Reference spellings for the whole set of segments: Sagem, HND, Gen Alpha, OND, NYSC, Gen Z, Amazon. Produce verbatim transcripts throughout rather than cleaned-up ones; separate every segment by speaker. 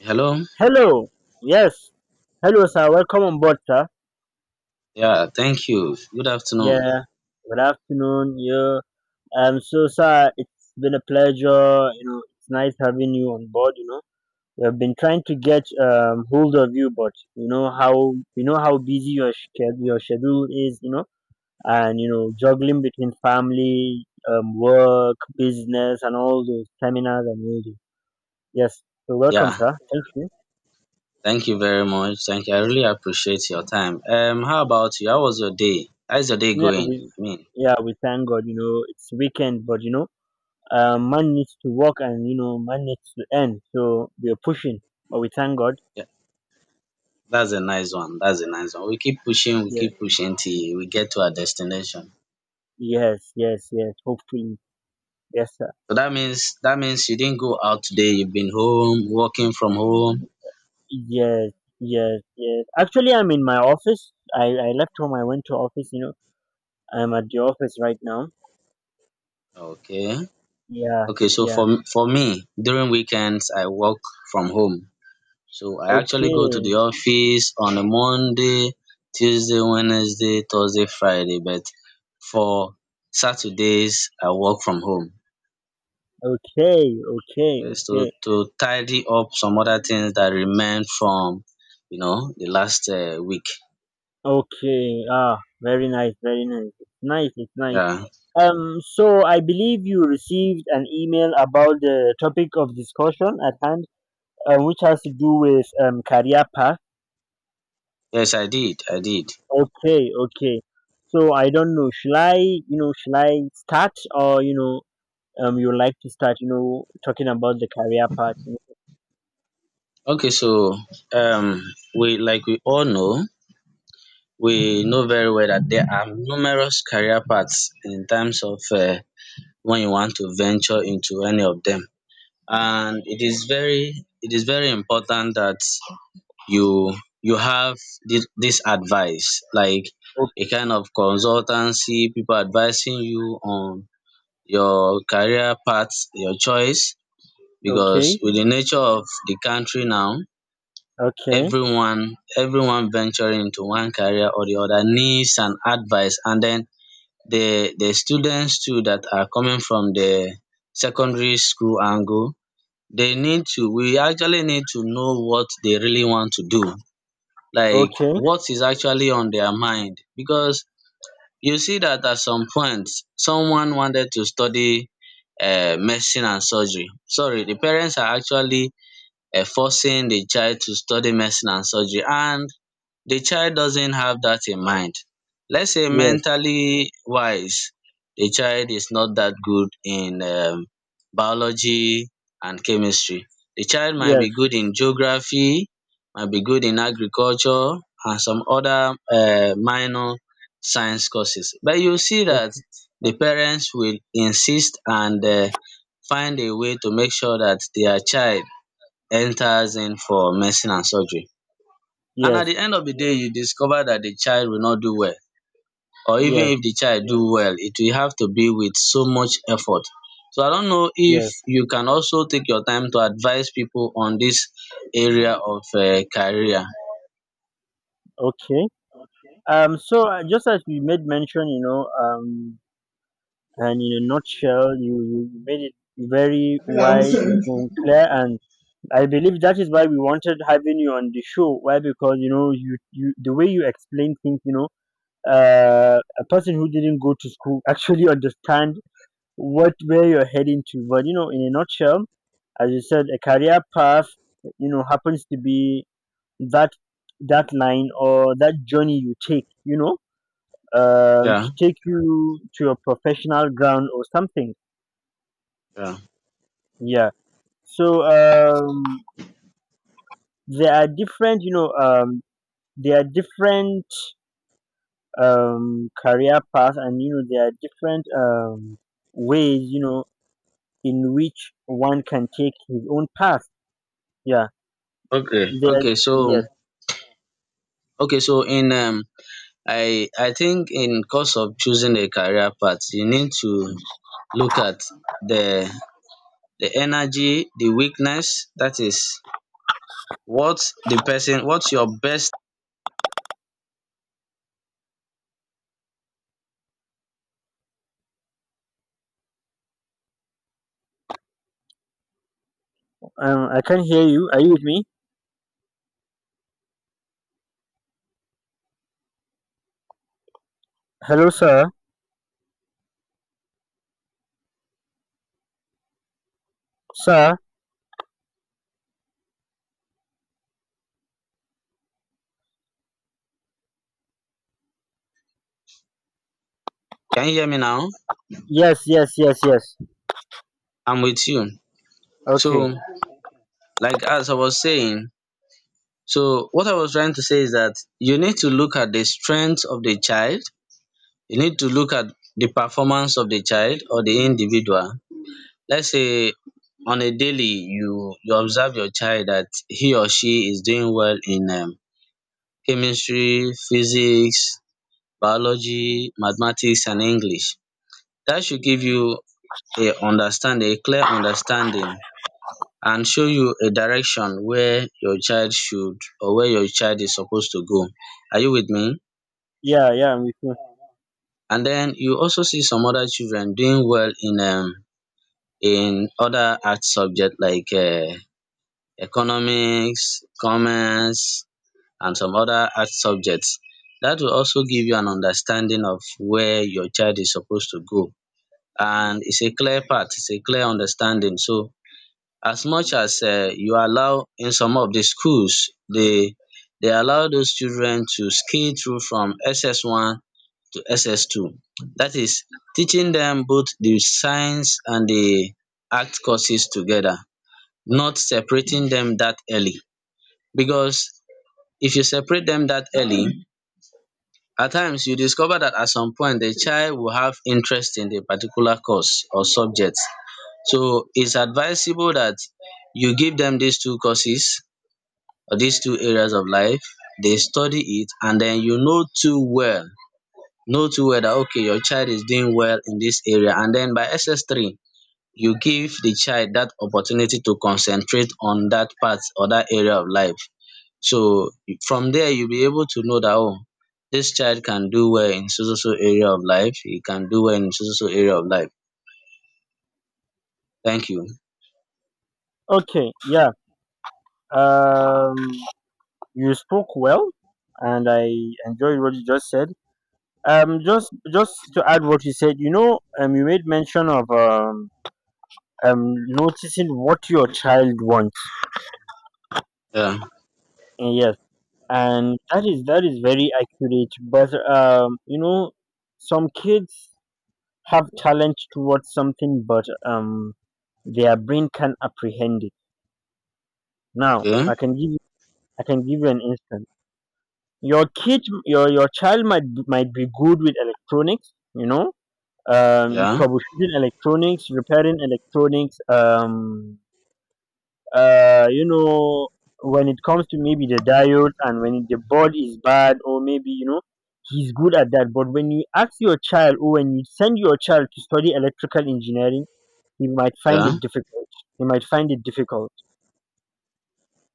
Speaker 1: Hello.
Speaker 2: Hello. Yes. Hello, sir. Welcome on board, sir.
Speaker 1: Yeah, thank you. Good afternoon.
Speaker 2: Yeah. Good afternoon. Yeah. Um. So, sir, it's been a pleasure. You know, it's nice having you on board. You know, we have been trying to get um hold of you, but you know how you know how busy your sched- your schedule is. You know, and you know juggling between family, um, work, business, and all those seminars and all those. Yes. So, welcome,
Speaker 1: Yeah,
Speaker 2: sir. Thank you.
Speaker 1: thank you very much. Thank you. I really appreciate your time. Um, how about you? How was your day? How's your day
Speaker 2: Yeah.
Speaker 1: going?
Speaker 2: We.
Speaker 1: I mean,
Speaker 2: Yeah, we thank God, you know, it's weekend, but you know, uh, man needs to work, and you know man needs to earn, so we're pushing, but we thank God.
Speaker 1: yeah, that's a nice one. That's a nice one. We keep pushing, we
Speaker 2: Yeah.
Speaker 1: keep pushing till we get to our destination.
Speaker 2: Yes, yes, yes, hopefully. Yes, sir.
Speaker 1: So that means that means you didn't go out today. You've been home, working from home.
Speaker 2: Yes, yes, yes, actually, I'm in my office. I i left home, I went to office, you know, I'm at the office right now.
Speaker 1: Okay.
Speaker 2: Yeah.
Speaker 1: Okay, so
Speaker 2: Yeah.
Speaker 1: for for me, during weekends I work from home. So I actually go to
Speaker 2: Okay,
Speaker 1: the office on a Monday, Tuesday, Wednesday, Thursday, Friday, but for Saturdays I work from home.
Speaker 2: okay, okay.
Speaker 1: Yes, to
Speaker 2: Okay,
Speaker 1: to tidy up some other things that remain from you know the last uh, week.
Speaker 2: okay. Ah, very nice, very nice. It's nice, it's nice.
Speaker 1: Yeah.
Speaker 2: Um, so I believe you received an email about the topic of discussion at hand, um, which has to do with um, career path.
Speaker 1: Yes, I did. I did.
Speaker 2: Okay, okay. So I don't know. Should I, you know, should I start, or you know, um, you like to start, you know, talking about the career path?
Speaker 1: Okay, so um we like we all know, we know very well that there are numerous career paths in terms of uh, when you want to venture into any of them. And it is very it is very important that you you have this, this advice, like a kind of consultancy, people advising you on your career path, your choice, because
Speaker 2: Okay,
Speaker 1: with the nature of the country now,
Speaker 2: okay,
Speaker 1: everyone everyone venturing into one career or the other needs an advice. And then the the students too that are coming from the secondary school angle, they need to, we actually need to know what they really want to do, like
Speaker 2: okay.
Speaker 1: what is actually on their mind. Because you see that at some point someone wanted to study uh, medicine and surgery, sorry the parents are actually uh, forcing the child to study medicine and surgery, and the child doesn't have that in mind. Let's say
Speaker 2: Yes,
Speaker 1: mentally wise, the child is not that good in um, biology and chemistry. The child might
Speaker 2: yes,
Speaker 1: be good in geography, might be good in agriculture, and some other uh, minor science courses. But you see that
Speaker 2: ok-
Speaker 1: the parents will insist and uh, find a way to make sure that their child enters in for medicine and surgery, and at
Speaker 2: yes,
Speaker 1: the end of the day you discover that the child will not do well, or even
Speaker 2: yes,
Speaker 1: if the child do well it will have to be with so much effort. So I don't know if
Speaker 2: yes.
Speaker 1: you can also take your time to advise people on this area of um career.
Speaker 2: Okay. Um. So uh, just as we made mention, you know, um, and in a nutshell, you you made it very wide, mm, clear, and I believe that is why we wanted having you on the show. Why? Because you know, you, you the way you explain things, you know, uh, a person who didn't go to school actually understand what where you're heading to. But you know, in a nutshell, as you said, a career path, you know, happens to be that that line or that journey you take, you know, uh, to
Speaker 1: Yeah,
Speaker 2: take you to your professional ground or something.
Speaker 1: yeah.
Speaker 2: Yeah. So um, there are different, you know, um, there are different um, career path, and you know there are different um, ways, you know, in which one can take his own path. Yeah.
Speaker 1: Okay,
Speaker 2: there
Speaker 1: okay. So,
Speaker 2: Yes.
Speaker 1: okay. So in um, I I think in course of choosing a career path, you need to look at the the energy, the weakness. That is what the person, what's your best.
Speaker 2: Um, I can hear you. Are you with me? Hello, sir. Sir.
Speaker 1: Can you hear me now?
Speaker 2: Yes, yes, yes, yes.
Speaker 1: I'm with you.
Speaker 2: Okay.
Speaker 1: So like as I was saying, so what I was trying to say is that you need to look at the strength of the child, you need to look at the performance of the child or the individual. Let's say on a daily, you you observe your child that he or she is doing well in um, chemistry, physics, biology, mathematics and English. That should give you a understand a clear understanding and show you a direction where your child should or where your child is supposed to go. Are you with me?
Speaker 2: Yeah, yeah, I'm with you.
Speaker 1: And then you also see some other children doing well in um in other art subject like um economics, commerce, and some other art subjects. Dat will also give you an understanding of where your child is supposed to go, and it's a clear path, it's a clear understanding. So as much as um you allow, in some of the schools they they allow those children to scale through from S S one to S S two. That is teaching them both the science and the art courses together, not separating them that early. Because if you separate them that early, at times you discover that at some point the child will have interest in a particular course or subject. So it's advisable that you give them these two courses, uh, these two areas of life, they study it, and then you know too well, know too well that okay, your child is doing well in this area. And then by S S three, you give the child that opportunity to concentrate on that part or that area of life. So from there you'll be able to know that oh, this child can do well in so so so area of life, he can do well in so so so area of life. Thank you.
Speaker 2: Okay. Yeah. Um, you spoke well, and I enjoyed what you just said. Um just just to add what you said, you know, um, you made mention of um um noticing what your child wants.
Speaker 1: Yeah,
Speaker 2: Uh, yes, and that is that is very accurate, but um, you know, some kids have talent towards something, but um, their brain can apprehend it now.
Speaker 1: okay,
Speaker 2: I can give you I can give you an instance. your kid your your child might be- might be good with electronics, you know, um,
Speaker 1: yeah,
Speaker 2: troubleshooting electronics, repairing electronics, um uh you know, when it comes to maybe the diode and when the board is bad, or maybe you know, he's good at that. But when you ask your child or when you send your child to study electrical engineering, he might find
Speaker 1: yeah.
Speaker 2: it difficult. He might find it difficult.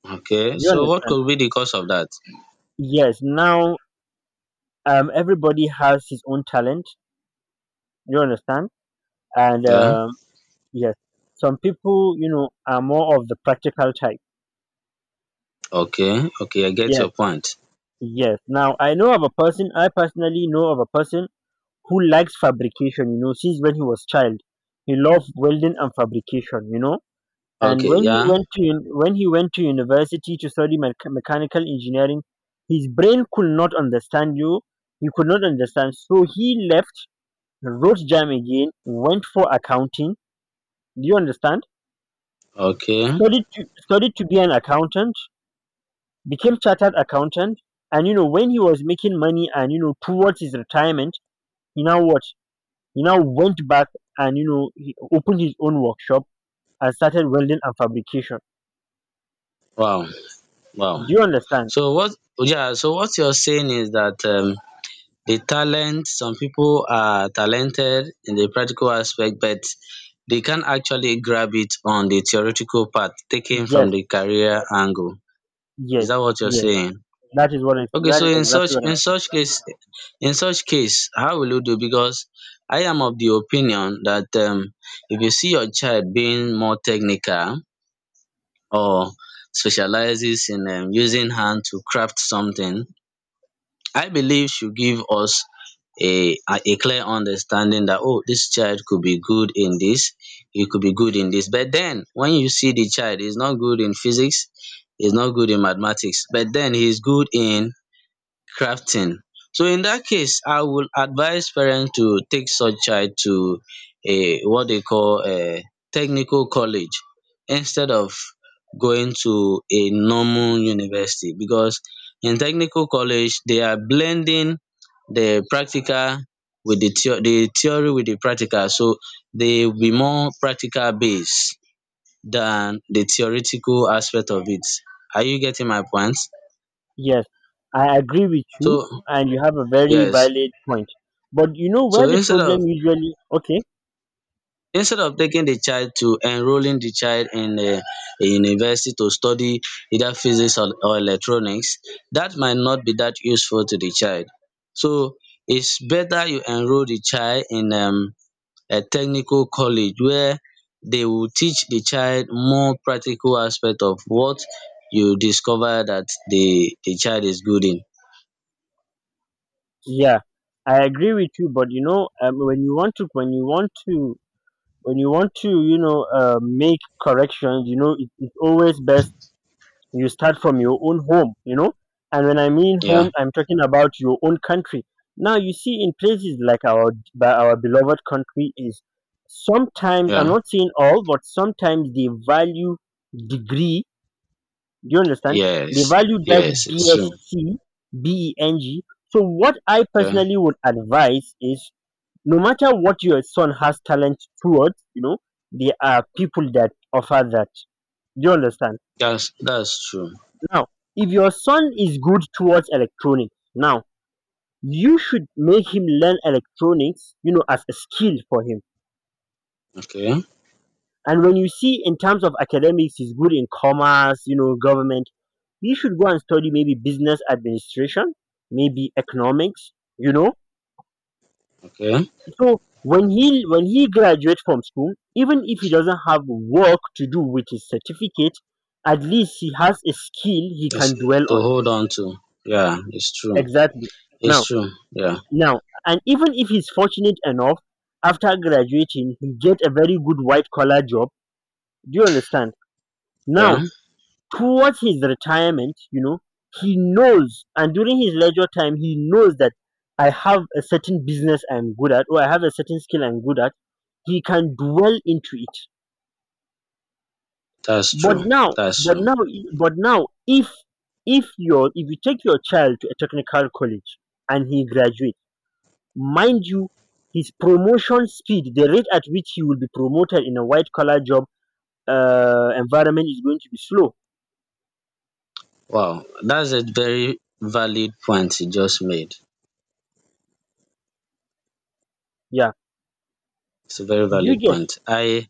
Speaker 1: Okay,
Speaker 2: Do you
Speaker 1: so what
Speaker 2: understand?
Speaker 1: could be the cause of that?
Speaker 2: Yes. Now um, everybody has his own talent, you understand, and
Speaker 1: Yeah.
Speaker 2: um yes, some people, you know, are more of the practical type.
Speaker 1: Okay, okay, I get
Speaker 2: Yes.
Speaker 1: your point.
Speaker 2: Yes. Now I know of a person i personally know of a person who likes fabrication, you know, since when he was child. He loved welding and fabrication, you know. And
Speaker 1: Okay,
Speaker 2: when he
Speaker 1: yeah,
Speaker 2: went to un- when he went to university to study mech- mechanical engineering, his brain could not understand you. He could not understand, so he left, wrote jam again, went for accounting. Do you understand?
Speaker 1: okay.
Speaker 2: Studied to studied to be an accountant, became chartered accountant, and you know when he was making money and you know towards his retirement, he now what? He now went back, and you know he opened his own workshop and started welding and fabrication.
Speaker 1: Wow, wow.
Speaker 2: Do you understand?
Speaker 1: So what, yeah, so what you're saying is that um the talent, some people are talented in the practical aspect, but they can't actually grab it on the theoretical part taken from
Speaker 2: Yes,
Speaker 1: the career angle. Is
Speaker 2: yes,
Speaker 1: that what you're
Speaker 2: yes.
Speaker 1: saying?
Speaker 2: That is what I,
Speaker 1: Okay,
Speaker 2: that
Speaker 1: so
Speaker 2: is
Speaker 1: in
Speaker 2: exactly
Speaker 1: such,
Speaker 2: what
Speaker 1: in
Speaker 2: I'm.
Speaker 1: such case, in such case, how will you do? Because I am of the opinion that um if you see your child being more technical or specializes in um, using hand to craft something, I believe should give us a, a a clear understanding that oh this child could be good in this, he could be good in this, but then when you see the child is not good in physics, he's not good in mathematics, but then he's good in crafting. So in that case, I would advise parents to take such child to a what they call a technical college, instead of going to a normal university, because in technical college they are blending the practical with the theo- the theory with the practical. So they will be more practical based than the theoretical aspect of it. Are you getting my point?
Speaker 2: Yes, I agree with you,
Speaker 1: So
Speaker 2: and you have a very
Speaker 1: yes.
Speaker 2: valid point. But you know where
Speaker 1: So
Speaker 2: the
Speaker 1: instead of,
Speaker 2: problem usually okay?
Speaker 1: instead of taking the child to enrolling the child in a a university to study either physics or or electronics that might not be that useful to the child. So it's better you enroll the child in um a technical college where they will teach the child more practical aspect of what you discover that the the child is good in.
Speaker 2: Yeah, I agree with you. But you know um, when you want to when you want to when you want to, you know, uh, make corrections, you know, it, it's always best you start from your own home, you know. And when I mean home,
Speaker 1: Yeah,
Speaker 2: I'm talking about your own country. Now you see in places like our, by our beloved country is, sometimes, I'm
Speaker 1: yeah,
Speaker 2: not saying all, but sometimes they value degree, do you understand, they
Speaker 1: yes,
Speaker 2: value that
Speaker 1: yes, it's true.
Speaker 2: BSc, BEng. So what I
Speaker 1: Yeah,
Speaker 2: personally would advise is, no matter what your son has talent towards, you know, there are people that offer that, do you understand,
Speaker 1: that's that's true.
Speaker 2: now, if your son is good towards electronics, now you should make him learn electronics, you know, as a skill for him.
Speaker 1: Okay,
Speaker 2: And when you see in terms of academics, he's good in commerce, you know, government, he should go and study maybe business administration, maybe economics, you know.
Speaker 1: okay.
Speaker 2: So when he when he graduates from school, even if he doesn't have work to do with his certificate, at least he has a skill he
Speaker 1: It's
Speaker 2: can dwell
Speaker 1: to
Speaker 2: on.
Speaker 1: hold on to. Yeah, it's true.
Speaker 2: Exactly. Now,
Speaker 1: It's true. Yeah.
Speaker 2: now and even if he's fortunate enough, after graduating, he get a very good white collar job, do you understand, now
Speaker 1: Yeah.
Speaker 2: towards his retirement, you know, he knows, and during his leisure time he knows that I have a certain business I'm good at, or I have a certain skill I'm good at, he can dwell into it.
Speaker 1: That's
Speaker 2: but
Speaker 1: true.
Speaker 2: now
Speaker 1: That's
Speaker 2: but
Speaker 1: true.
Speaker 2: now but now, if if your if you take your child to a technical college and he graduates, mind you, his promotion speed, the rate at which he will be promoted in a white collar job uh, environment, is going to be slow.
Speaker 1: Wow. That's a very valid point you just made.
Speaker 2: Yeah.
Speaker 1: It's a very
Speaker 2: Do you
Speaker 1: valid
Speaker 2: get?
Speaker 1: point. I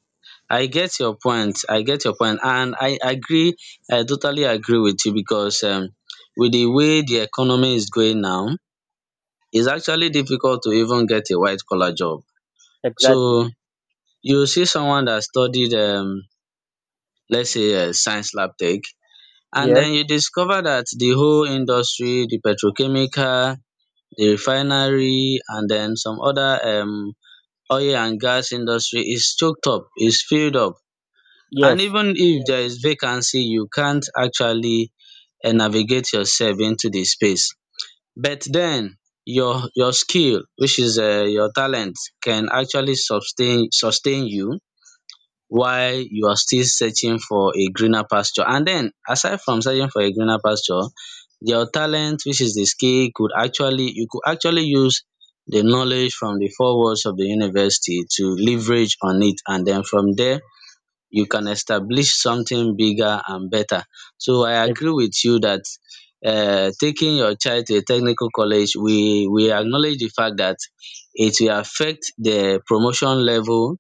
Speaker 1: I get your point. I get your point. And I agree. I totally agree with you because um, with the way the economy is going now, it's actually difficult to even get a white collar job.
Speaker 2: Exactly.
Speaker 1: So you see someone that studied, um, let's say, uh, science lab tech, and
Speaker 2: Yes.
Speaker 1: then you discover that the whole industry, the petrochemical, the refinery and then some other um oil and gas industry is choked up, is filled up. And
Speaker 2: Yes.
Speaker 1: even if there is vacancy, you can't actually um navigate yourself into the space. But then your your skill, which is um your talent, can actually sustain sustain you while you are still searching for a greener pasture. And then, aside from searching for a greener pasture, your talent, which is the skill, could actually, you could actually use the knowledge from the four walls of the university to leverage on it. And then from there, you can establish something bigger and better. So I
Speaker 2: Ex-
Speaker 1: agree with you that um taking your child to a technical college, we we acknowledge the fact that it will affect the promotion level,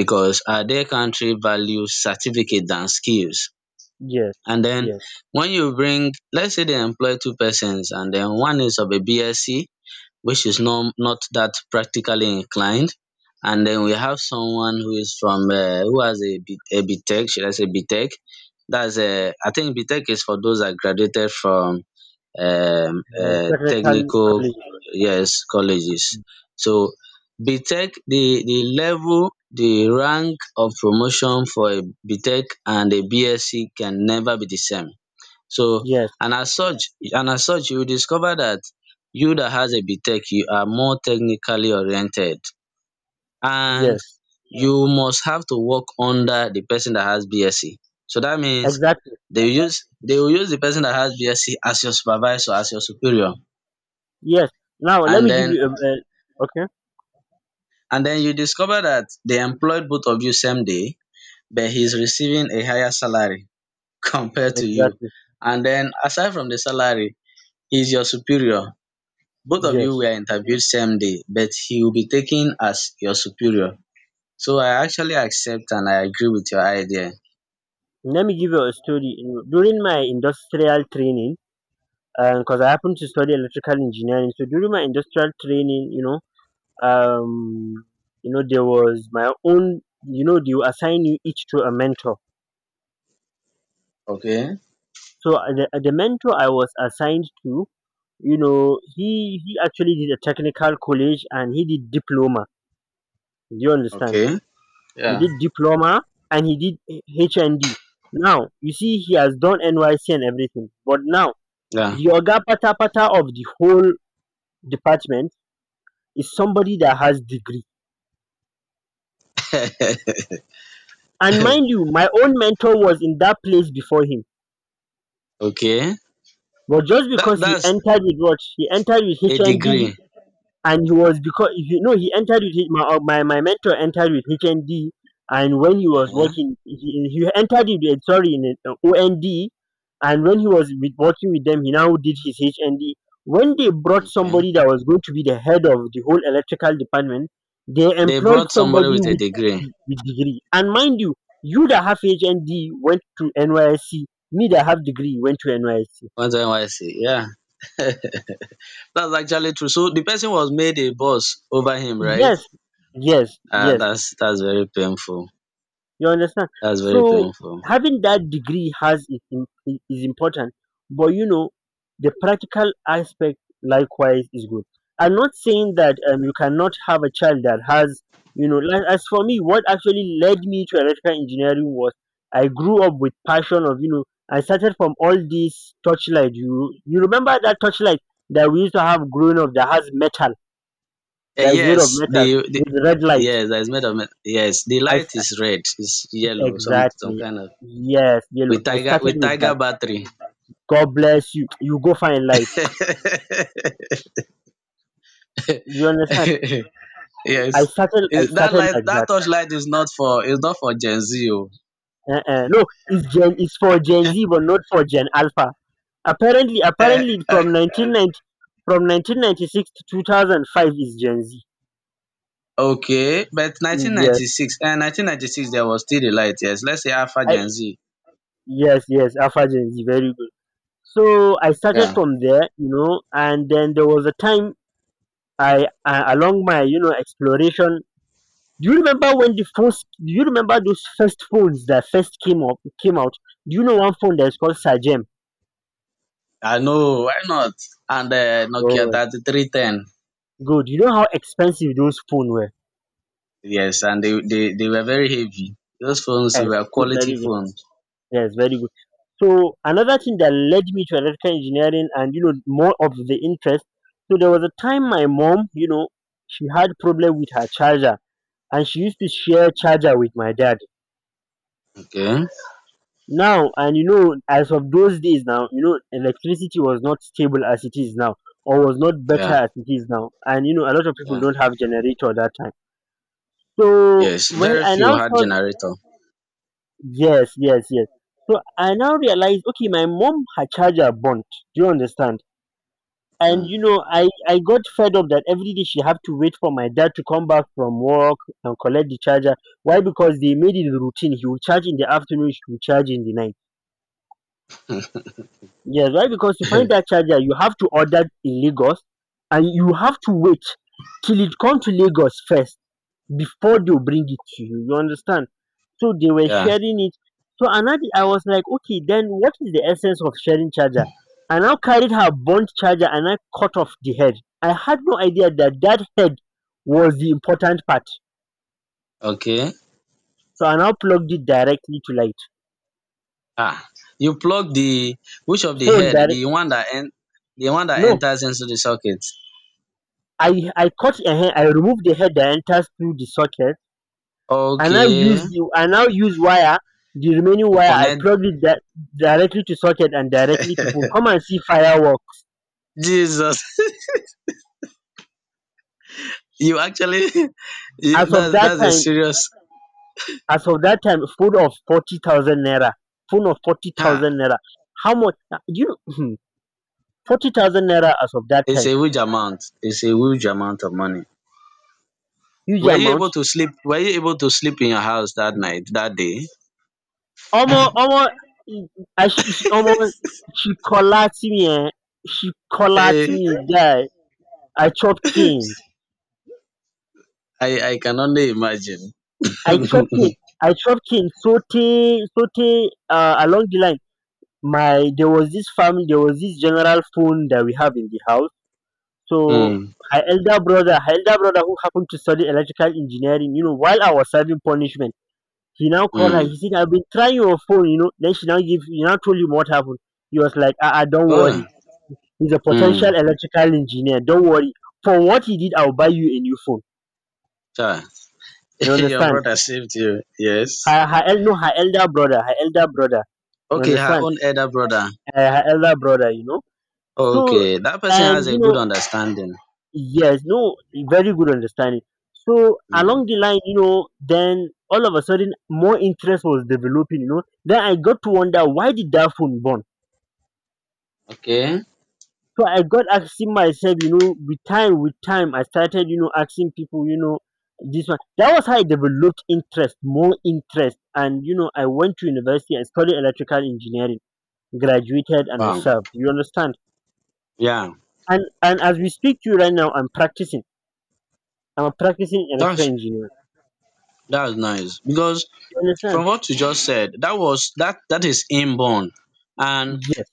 Speaker 1: because our their country values certificate than skills.
Speaker 2: yes.
Speaker 1: And then
Speaker 2: Yes.
Speaker 1: when you bring, let's say they employ two persons and then one is of a BSc, which is not, not that practically inclined. And then we have someone who is from, uh, who has a, B, a BTech, should I say BTech? That's a, I think BTech is for those that graduated from um,
Speaker 2: Uh,
Speaker 1: uh,
Speaker 2: technical
Speaker 1: technical,
Speaker 2: colleges.
Speaker 1: yes, colleges. So BTech, the, the level, the rank of promotion for a BTech and a BSc can never be the same. So,
Speaker 2: Yes.
Speaker 1: and as such, and as such, you will discover that you that has a BTech, you are more technically oriented, and
Speaker 2: Yes.
Speaker 1: you must have to work under the person that has BSc. So that means
Speaker 2: Exactly.
Speaker 1: they will use, they will use the person that has BSc as your supervisor, as your superior.
Speaker 2: Yes. Now let
Speaker 1: And
Speaker 2: me give
Speaker 1: then,
Speaker 2: you a, a okay.
Speaker 1: and then you discover that they employed both of you same day, but he's receiving a higher salary compared to you.
Speaker 2: Exactly.
Speaker 1: And then aside from the salary, he's your superior. Both of you
Speaker 2: Yes.
Speaker 1: were interviewed same day, but he will be taken as your superior. So I actually accept and I agree with your idea.
Speaker 2: Let me give you a story. In- During my industrial training, because I happen to study electrical engineering, so during my industrial training, you know, um, you know there was my own, you know they will assign you each to a mentor.
Speaker 1: Okay.
Speaker 2: So uh, the, uh, the mentor I was assigned to, you know, he he actually did a technical college and he did diploma, do you understand,
Speaker 1: Okay.
Speaker 2: he
Speaker 1: Yeah.
Speaker 2: did diploma. And he did H- HND. Now you see he has done NYC and everything, but now
Speaker 1: Yeah.
Speaker 2: the oga pata pata of the whole department is somebody that has degree. And mind you, my own mentor was in that place before him.
Speaker 1: okay.
Speaker 2: But just
Speaker 1: That
Speaker 2: because he
Speaker 1: that's
Speaker 2: entered with what he entered with
Speaker 1: a
Speaker 2: H N D,
Speaker 1: degree.
Speaker 2: and he was, because you know he entered with my uh, my my mentor entered with H N D, and when he was
Speaker 1: Uh-huh.
Speaker 2: working, he, he entered with uh, sorry in uh, O N D, and when he was with, working with them, he now did his H N D. When they brought
Speaker 1: Okay.
Speaker 2: somebody that was going to be the head of the whole electrical department, they
Speaker 1: They
Speaker 2: employed
Speaker 1: brought somebody
Speaker 2: somebody
Speaker 1: with a
Speaker 2: with
Speaker 1: degree.
Speaker 2: de- with degree. And mind you, you that have H N D went to N Y S C. Me that have degree went to N Y S C.
Speaker 1: What's N Y C? Yeah. That's actually true. So the person was made a boss over him, right?
Speaker 2: Yes, yes,
Speaker 1: Ah,
Speaker 2: yes.
Speaker 1: that's that's very painful.
Speaker 2: You understand?
Speaker 1: That's very
Speaker 2: So
Speaker 1: painful.
Speaker 2: having that degree has is, im- i- is important, but you know, the practical aspect likewise is good. I'm not saying that um, you cannot have a child that has, you know, like, as for me, what actually led me to electrical engineering was I grew up with passion of, you know, I started from all these torchlight. You you remember that torchlight that we used to have growing up that has metal,
Speaker 1: Eh,
Speaker 2: that is made of
Speaker 1: yes, the,
Speaker 2: metal
Speaker 1: the
Speaker 2: with red light.
Speaker 1: yes, that's made of me- yes. The
Speaker 2: I
Speaker 1: light is red, it's yellow, some some
Speaker 2: Exactly.
Speaker 1: kind of
Speaker 2: Yes, yellow.
Speaker 1: with
Speaker 2: I
Speaker 1: tiger
Speaker 2: started
Speaker 1: with
Speaker 2: with that.
Speaker 1: tiger battery.
Speaker 2: God bless you. You go find life.
Speaker 1: Yes,
Speaker 2: You understand? I started. I
Speaker 1: is that
Speaker 2: started
Speaker 1: light,
Speaker 2: like
Speaker 1: that
Speaker 2: that.
Speaker 1: torch light is not for is not for Gen Z. Oh.
Speaker 2: Uh-uh. No, it's Gen. It's for Gen Z, but not for Gen Alpha. Apparently,
Speaker 1: Eh,
Speaker 2: apparently,
Speaker 1: eh,
Speaker 2: from nineteen ninety, from nineteen ninety-six to two thousand five is Gen Z.
Speaker 1: okay, but
Speaker 2: Mm, Yes.
Speaker 1: nineteen ninety-six and nineteen ninety-six there was still the light. Yes, let's say Alpha
Speaker 2: I,
Speaker 1: Gen Z.
Speaker 2: yes. Yes. Alpha Gen Z. Very good. So I started
Speaker 1: Yeah.
Speaker 2: from there, you know, and then there was a time I, uh, along my, you know, exploration. Do you remember when the first? Do you remember those first phones that first came up came out? Do you know one phone that's called Sagem?
Speaker 1: I know, why not? And uh, Nokia
Speaker 2: Oh,
Speaker 1: three thousand three hundred ten.
Speaker 2: good. You know how expensive those phones were.
Speaker 1: Yes, and they, they, they were very heavy. Those phones,
Speaker 2: Yeah.
Speaker 1: they
Speaker 2: Yes,
Speaker 1: were
Speaker 2: good,
Speaker 1: quality
Speaker 2: very good.
Speaker 1: phones.
Speaker 2: Yes, very good. So another thing that led me to electrical engineering and you know more of the interest. So there was a time my mom, you know, she had problem with her charger, and she used to share charger with my dad.
Speaker 1: Okay.
Speaker 2: Now, and you know as of those days, now you know electricity was not stable as it is now, or was not better
Speaker 1: Yeah.
Speaker 2: as it is now. And you know, a lot of people
Speaker 1: Yeah.
Speaker 2: don't have generator that time, so
Speaker 1: Yes.
Speaker 2: well,
Speaker 1: Very
Speaker 2: I
Speaker 1: few
Speaker 2: now
Speaker 1: had
Speaker 2: saw.
Speaker 1: generator.
Speaker 2: Yes, yes, yes. So I now realized, okay, my mom, her charger burnt. Do you understand? And you
Speaker 1: Mm.
Speaker 2: know, i i got fed up that every day she had to wait for my dad to come back from work and collect the charger. Why? Because they made it a routine: he would charge in the afternoon, she would charge in the night. Yes, right. Because to find that charger, you have to order in Lagos, and you have to wait till it come to Lagos first before they will bring it to you. You understand? So they were
Speaker 1: Yeah.
Speaker 2: sharing it. So another, I was like, okay, then what is the essence of sharing charger? I now carried her burnt charger and I cut off the head. I had no idea that that head was the important part.
Speaker 1: Okay.
Speaker 2: So I now plugged it directly to light
Speaker 1: Ah. You plug the, which of the
Speaker 2: phone
Speaker 1: head?
Speaker 2: direct.
Speaker 1: The one that en- the one that
Speaker 2: No,
Speaker 1: enters into the socket.
Speaker 2: I I cut a head. I removed the head that enters through the socket. i now use
Speaker 1: Okay.
Speaker 2: the i now use wire, the remaining
Speaker 1: To
Speaker 2: wire, I
Speaker 1: connect.
Speaker 2: plugged it that directly to socket and directly to phone. Come and see firework.
Speaker 1: Jesus. You actually you,
Speaker 2: As of
Speaker 1: that's
Speaker 2: that
Speaker 1: that's a
Speaker 2: time,
Speaker 1: serious
Speaker 2: as of that time, phone of forty thousand naira, phone of
Speaker 1: huh.
Speaker 2: forty thousand naira. How much na- you, forty thousand naira as of that
Speaker 1: It's
Speaker 2: time.
Speaker 1: a huge amount. It's a huge amount of money.
Speaker 2: Huge
Speaker 1: Were you
Speaker 2: amount.
Speaker 1: able to sleep? Were you able to sleep in your house that night, that day?
Speaker 2: Almost, almost. I, as she she- omo, she collapse me, eh. She collapse
Speaker 1: Eh,
Speaker 2: me, guy. I chop king.
Speaker 1: I, I can only imagine.
Speaker 2: I chopped
Speaker 1: mm,
Speaker 2: it. I chopped it saute saute uh, along the line. My, there was this family, there was this general phone that we have in the house. So her elder brother, her elder brother who happened to study electrical engineering, you know, while I was serving punishment, he now called her.
Speaker 1: mm.
Speaker 2: He said, "I've been trying your phone, you know." Then she now give, he now told him what happened. He was like, "Ah, ah, don't worry.
Speaker 1: Oh,
Speaker 2: He's a
Speaker 1: mm.
Speaker 2: potential electrical engineer. Don't worry. For what he did, I'll buy you a new phone.
Speaker 1: Sure.
Speaker 2: You
Speaker 1: Your
Speaker 2: understand?"
Speaker 1: brother saved you. Yes.
Speaker 2: Her her el- no, her elder brother, her elder brother. You
Speaker 1: Okay, her
Speaker 2: understand?
Speaker 1: own elder brother.
Speaker 2: Uh, her elder brother, you know. So
Speaker 1: Okay, that person
Speaker 2: and
Speaker 1: has a
Speaker 2: you
Speaker 1: good
Speaker 2: know,
Speaker 1: understanding.
Speaker 2: yes, no, very good understanding. So along
Speaker 1: Mm.
Speaker 2: the line, you know, then all of a sudden more interest was developing. You know, then I got to wonder, why did that phone burn?
Speaker 1: Okay.
Speaker 2: So I got asking myself, you know, with time, with time I started, you know, asking people, you know. This one, that was how I developed interest, more interest, and you know, I went to university and studied electrical engineering, graduated, and I
Speaker 1: Wow.
Speaker 2: served. You understand?
Speaker 1: Yeah.
Speaker 2: And and as we speak to you right now, I'm practicing. I'm a practicing electrical
Speaker 1: That's
Speaker 2: engineer.
Speaker 1: that's nice because
Speaker 2: You understand?
Speaker 1: from what you just said, that was that that is inborn, and
Speaker 2: Yes,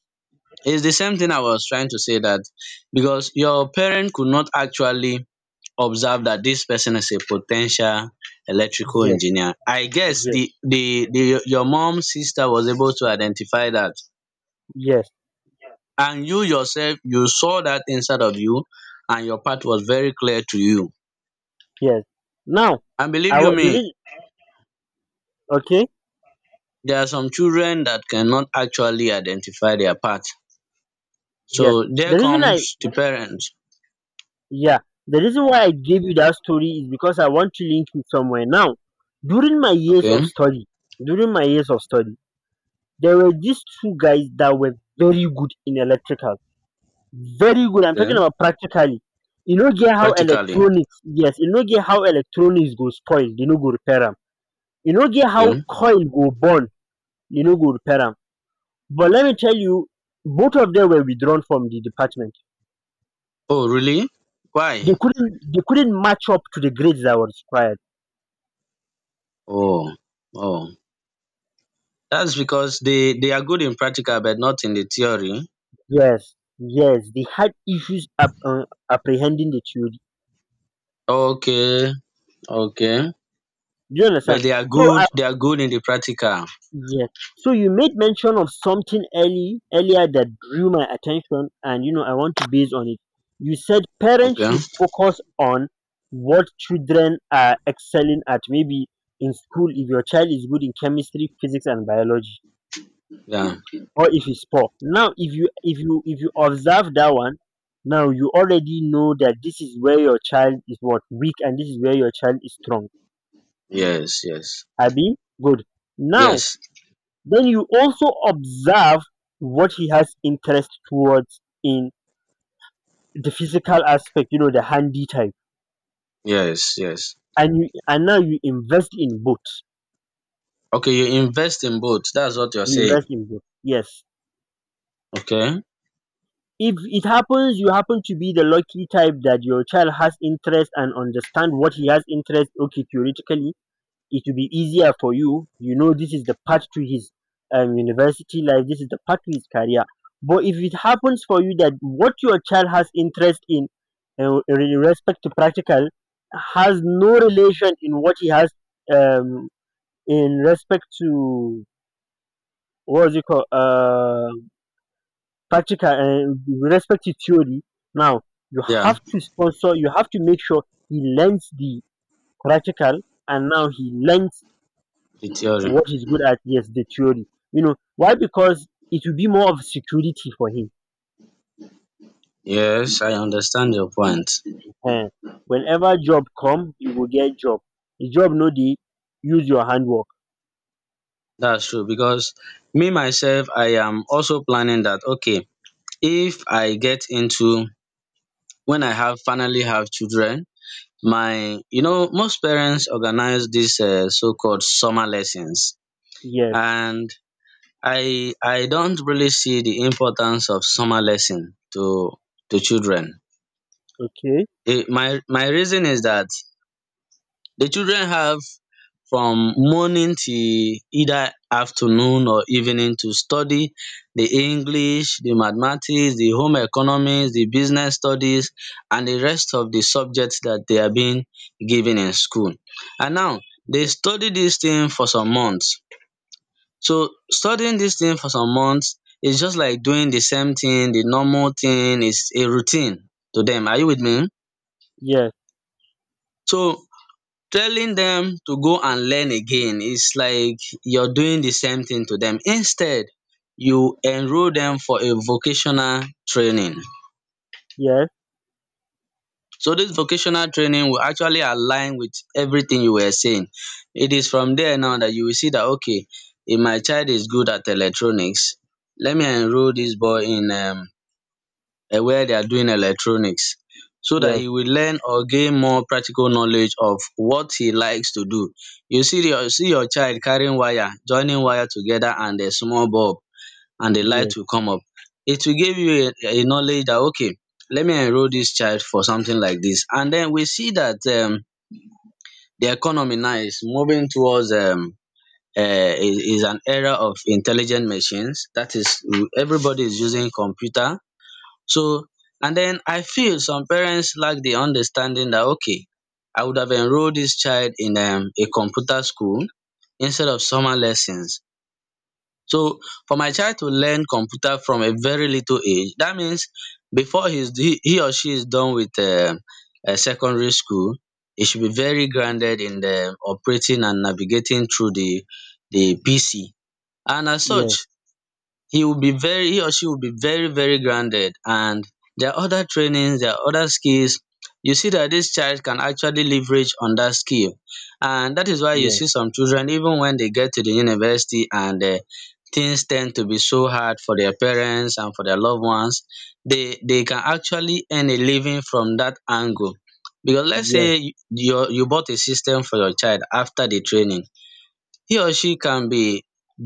Speaker 1: it's the same thing I was trying to say, that because your parent could not actually observe that this person is a potential electrical
Speaker 2: yes,
Speaker 1: engineer. I guess
Speaker 2: yes,
Speaker 1: the the, the your mom's sister was able to identify that,
Speaker 2: yes,
Speaker 1: and you yourself, you saw that inside of you, and your path was very clear to you.
Speaker 2: yes. Now,
Speaker 1: And believe
Speaker 2: I wa-
Speaker 1: you
Speaker 2: the
Speaker 1: me,
Speaker 2: reason, okay,
Speaker 1: there are some children that cannot actually identify their path.
Speaker 2: yes.
Speaker 1: So there
Speaker 2: The reason I,
Speaker 1: comes the parents.
Speaker 2: yeah, the reason why I gave you that story is because I want to link you somewhere. Now, during my years of
Speaker 1: Okay,
Speaker 2: study, during my years of study, there were these two guys that were very good in electrical. Very good. I'm talking
Speaker 1: okay,
Speaker 2: about practically. You know, get how
Speaker 1: practically.
Speaker 2: electronics, yes, you know, get how electronics go spoil, you know, go repair am. You know, get how
Speaker 1: Okay.
Speaker 2: coil go burn, you know, go repair am. But let me tell you, both of them were withdrawn from the department.
Speaker 1: Oh, really?
Speaker 2: They
Speaker 1: Why?
Speaker 2: couldn't they couldn't match up to the grades that were required.
Speaker 1: Oh, oh, that's because they they are good in practical, but not in the theory.
Speaker 2: Yes, yes, they had issues ap- uh, apprehending the theory.
Speaker 1: Okay, okay,
Speaker 2: Do you understand?
Speaker 1: but they are
Speaker 2: So
Speaker 1: good. They are good in the practical.
Speaker 2: yes. So you made mention of something early earlier that drew my attention, and you know I want to base on it. You said parents
Speaker 1: Okay,
Speaker 2: should focus on what children are excelling at. Maybe in school, if your child is good in chemistry, physics, and biology,
Speaker 1: yeah,
Speaker 2: or if he's poor. Now, if you if you if you observe that one, now you already know that this is where your child is what weak, and this is where your child is strong.
Speaker 1: yes, yes,
Speaker 2: Abi, good. Now
Speaker 1: yes,
Speaker 2: then you also observe what he has interest towards in the physical aspect, you know, the handy type.
Speaker 1: yes, yes.
Speaker 2: And you and now you invest in both.
Speaker 1: Okay, you invest in both. That's what you're
Speaker 2: You invest
Speaker 1: saying.
Speaker 2: in both. Yes.
Speaker 1: Okay,
Speaker 2: If it happens you happen to be the lucky type that your child has interest and understand what he has interest, okay, theoretically it will be easier for you. You know, this is the path to his um, university life, this is the path to his career. But if it happens for you that what your child has interest in, uh, in respect to practical, has no relation in what he has, um, in respect to what is it called, uh, practical and with respect to theory, now you
Speaker 1: yeah,
Speaker 2: have to sponsor, you have to make sure he learns the practical, and now he learns
Speaker 1: the theory.
Speaker 2: what he's good at, yes, the theory. You know why? Because it will be more of security for him.
Speaker 1: Yes, I understand your point.
Speaker 2: Ehen. Whenever job come, you will get job. The job no dey use your handwork.
Speaker 1: That's true because me myself, I am also planning that. Okay, if I get into, when I have finally have children, my, you know, most parents organize this so called summer lessons,
Speaker 2: Yes,
Speaker 1: and i i don't really see the importance of summer lesson to to children.
Speaker 2: okay.
Speaker 1: Eh, my my reason is that the children have from morning till either afternoon or evening to study the English, the mathematics, the home economics, the business studies, and the rest of the subjects that they are being given in school. And now they study this thing for some months. So studying this thing for some months is just like doing the same thing, the normal thing, is a routine to them. Are you with me?
Speaker 2: Yes,
Speaker 1: So telling them to go and learn again is like you're doing the same thing to them. Instead, you enroll them for a vocational training.
Speaker 2: yes,
Speaker 1: So this vocational training will actually align with everything you were saying. It is from there now that you will see that, okay, if my child is good at electronics, let me enroll this boy in um uh, where they are doing electronics so that
Speaker 2: yes,
Speaker 1: he will learn or gain more practical knowledge of what he likes to do. You see your, see your child carrying wire, joining wire together and a small bulb, and the
Speaker 2: yes,
Speaker 1: light will come up. It will give you a, a knowledge that, okay, let me enroll this child for something like this. And then we see that um, the economy now is moving towards um, uh, is, is an era of intelligent machines. That is, everybody is using computer. So and then I feel some parents lack the understanding that, okay, I would have enrolled this child in um a computer school instead of summer lessons. So for my child to learn computer from a very little age, that means before he's he he or she is done with um um secondary school, he should be very grounded in the operating and navigating through the the P C. And as
Speaker 2: yes,
Speaker 1: such, he will be very, he or she will be very, very grounded. And there are other trainings, there are other skills. You see that this child can actually leverage on that skill, and that is why you
Speaker 2: yes,
Speaker 1: see some children, even when they get to the university and uh, things tend to be so hard for their parents and for their loved ones, they they can actually earn a living from that angle. Because let's
Speaker 2: yes,
Speaker 1: say you, you bought a system for your child after the training, he or she can be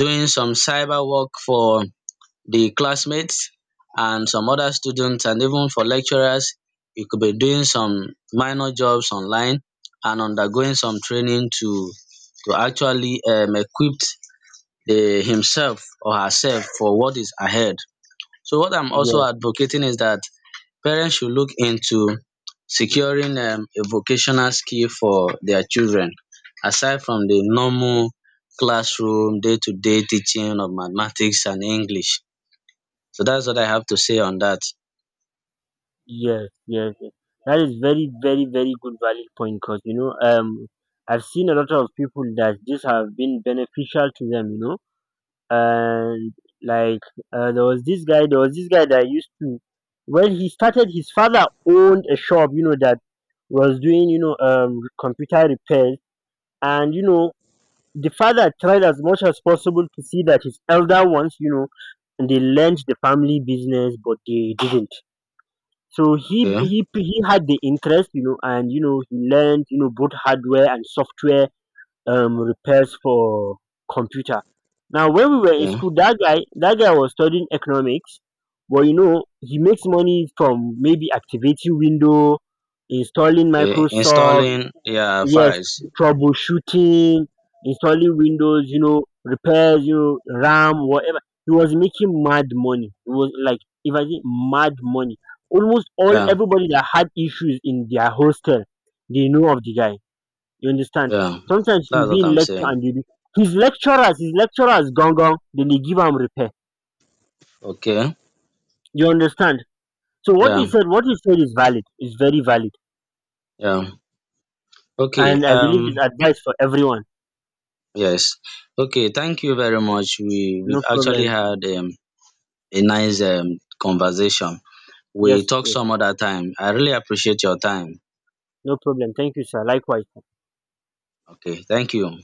Speaker 1: doing some cyber work for the classmates and some other students and even for lecturers. You could be doing some minor jobs online and undergoing some training to to actually um equipped the himself or herself for what is ahead. So what I'm also
Speaker 2: yes,
Speaker 1: advocating is that parents should look into securing um a vocational skill for their children, aside from the normal classroom day to day teaching of mathematics and English. So that's what I have to say on that.
Speaker 2: yes, yes. Yes. That is very, very, very good valid point because you know, um I've seen a lot of people that this have been beneficial to them. You know. And like, uh, there was this guy there was this guy that used to, when he started, his father owned a shop, you know, that was doing, you know, um computer repairs. And you know, the father tried as much as possible to see that his elder ones, you know, and they learned the family business, but they didn't. So he
Speaker 1: Okay,
Speaker 2: he he had the interest, you know, and you know, he learned, you know, both hardware and software um repairs for computer. Now when we were in
Speaker 1: okay,
Speaker 2: school, that guy that guy was studying economics, but you know, he makes money from maybe activating window, installing
Speaker 1: okay.
Speaker 2: Microsoft,
Speaker 1: Installing, yeah,
Speaker 2: yes,
Speaker 1: files.
Speaker 2: troubleshooting, installing Windows, you know, repairs, you know, RAM, whatever. He was making mad money. It was like, if I say mad money. Almost all
Speaker 1: Yeah,
Speaker 2: everybody that had issues in their hostel, they know of the guy. You understand?
Speaker 1: yeah.
Speaker 2: Sometimes you
Speaker 1: That's
Speaker 2: be
Speaker 1: what
Speaker 2: in
Speaker 1: I'm
Speaker 2: lecture
Speaker 1: saying.
Speaker 2: and you be his lecturers, his lecturers gone gone, then they give him repair.
Speaker 1: Okay,
Speaker 2: You understand? So what he
Speaker 1: yeah,
Speaker 2: said, what he said is valid, is very valid.
Speaker 1: yeah. Okay,
Speaker 2: And I believe
Speaker 1: um,
Speaker 2: it's advice for everyone.
Speaker 1: yes. Okay, thank you very much. We
Speaker 2: No
Speaker 1: we've actually
Speaker 2: problem.
Speaker 1: had um, a nice um, conversation.
Speaker 2: Yes,
Speaker 1: We talk
Speaker 2: yes.
Speaker 1: some other time. I really appreciate your time.
Speaker 2: No problem. Thank you, sir. Likewise.
Speaker 1: Okay, thank you.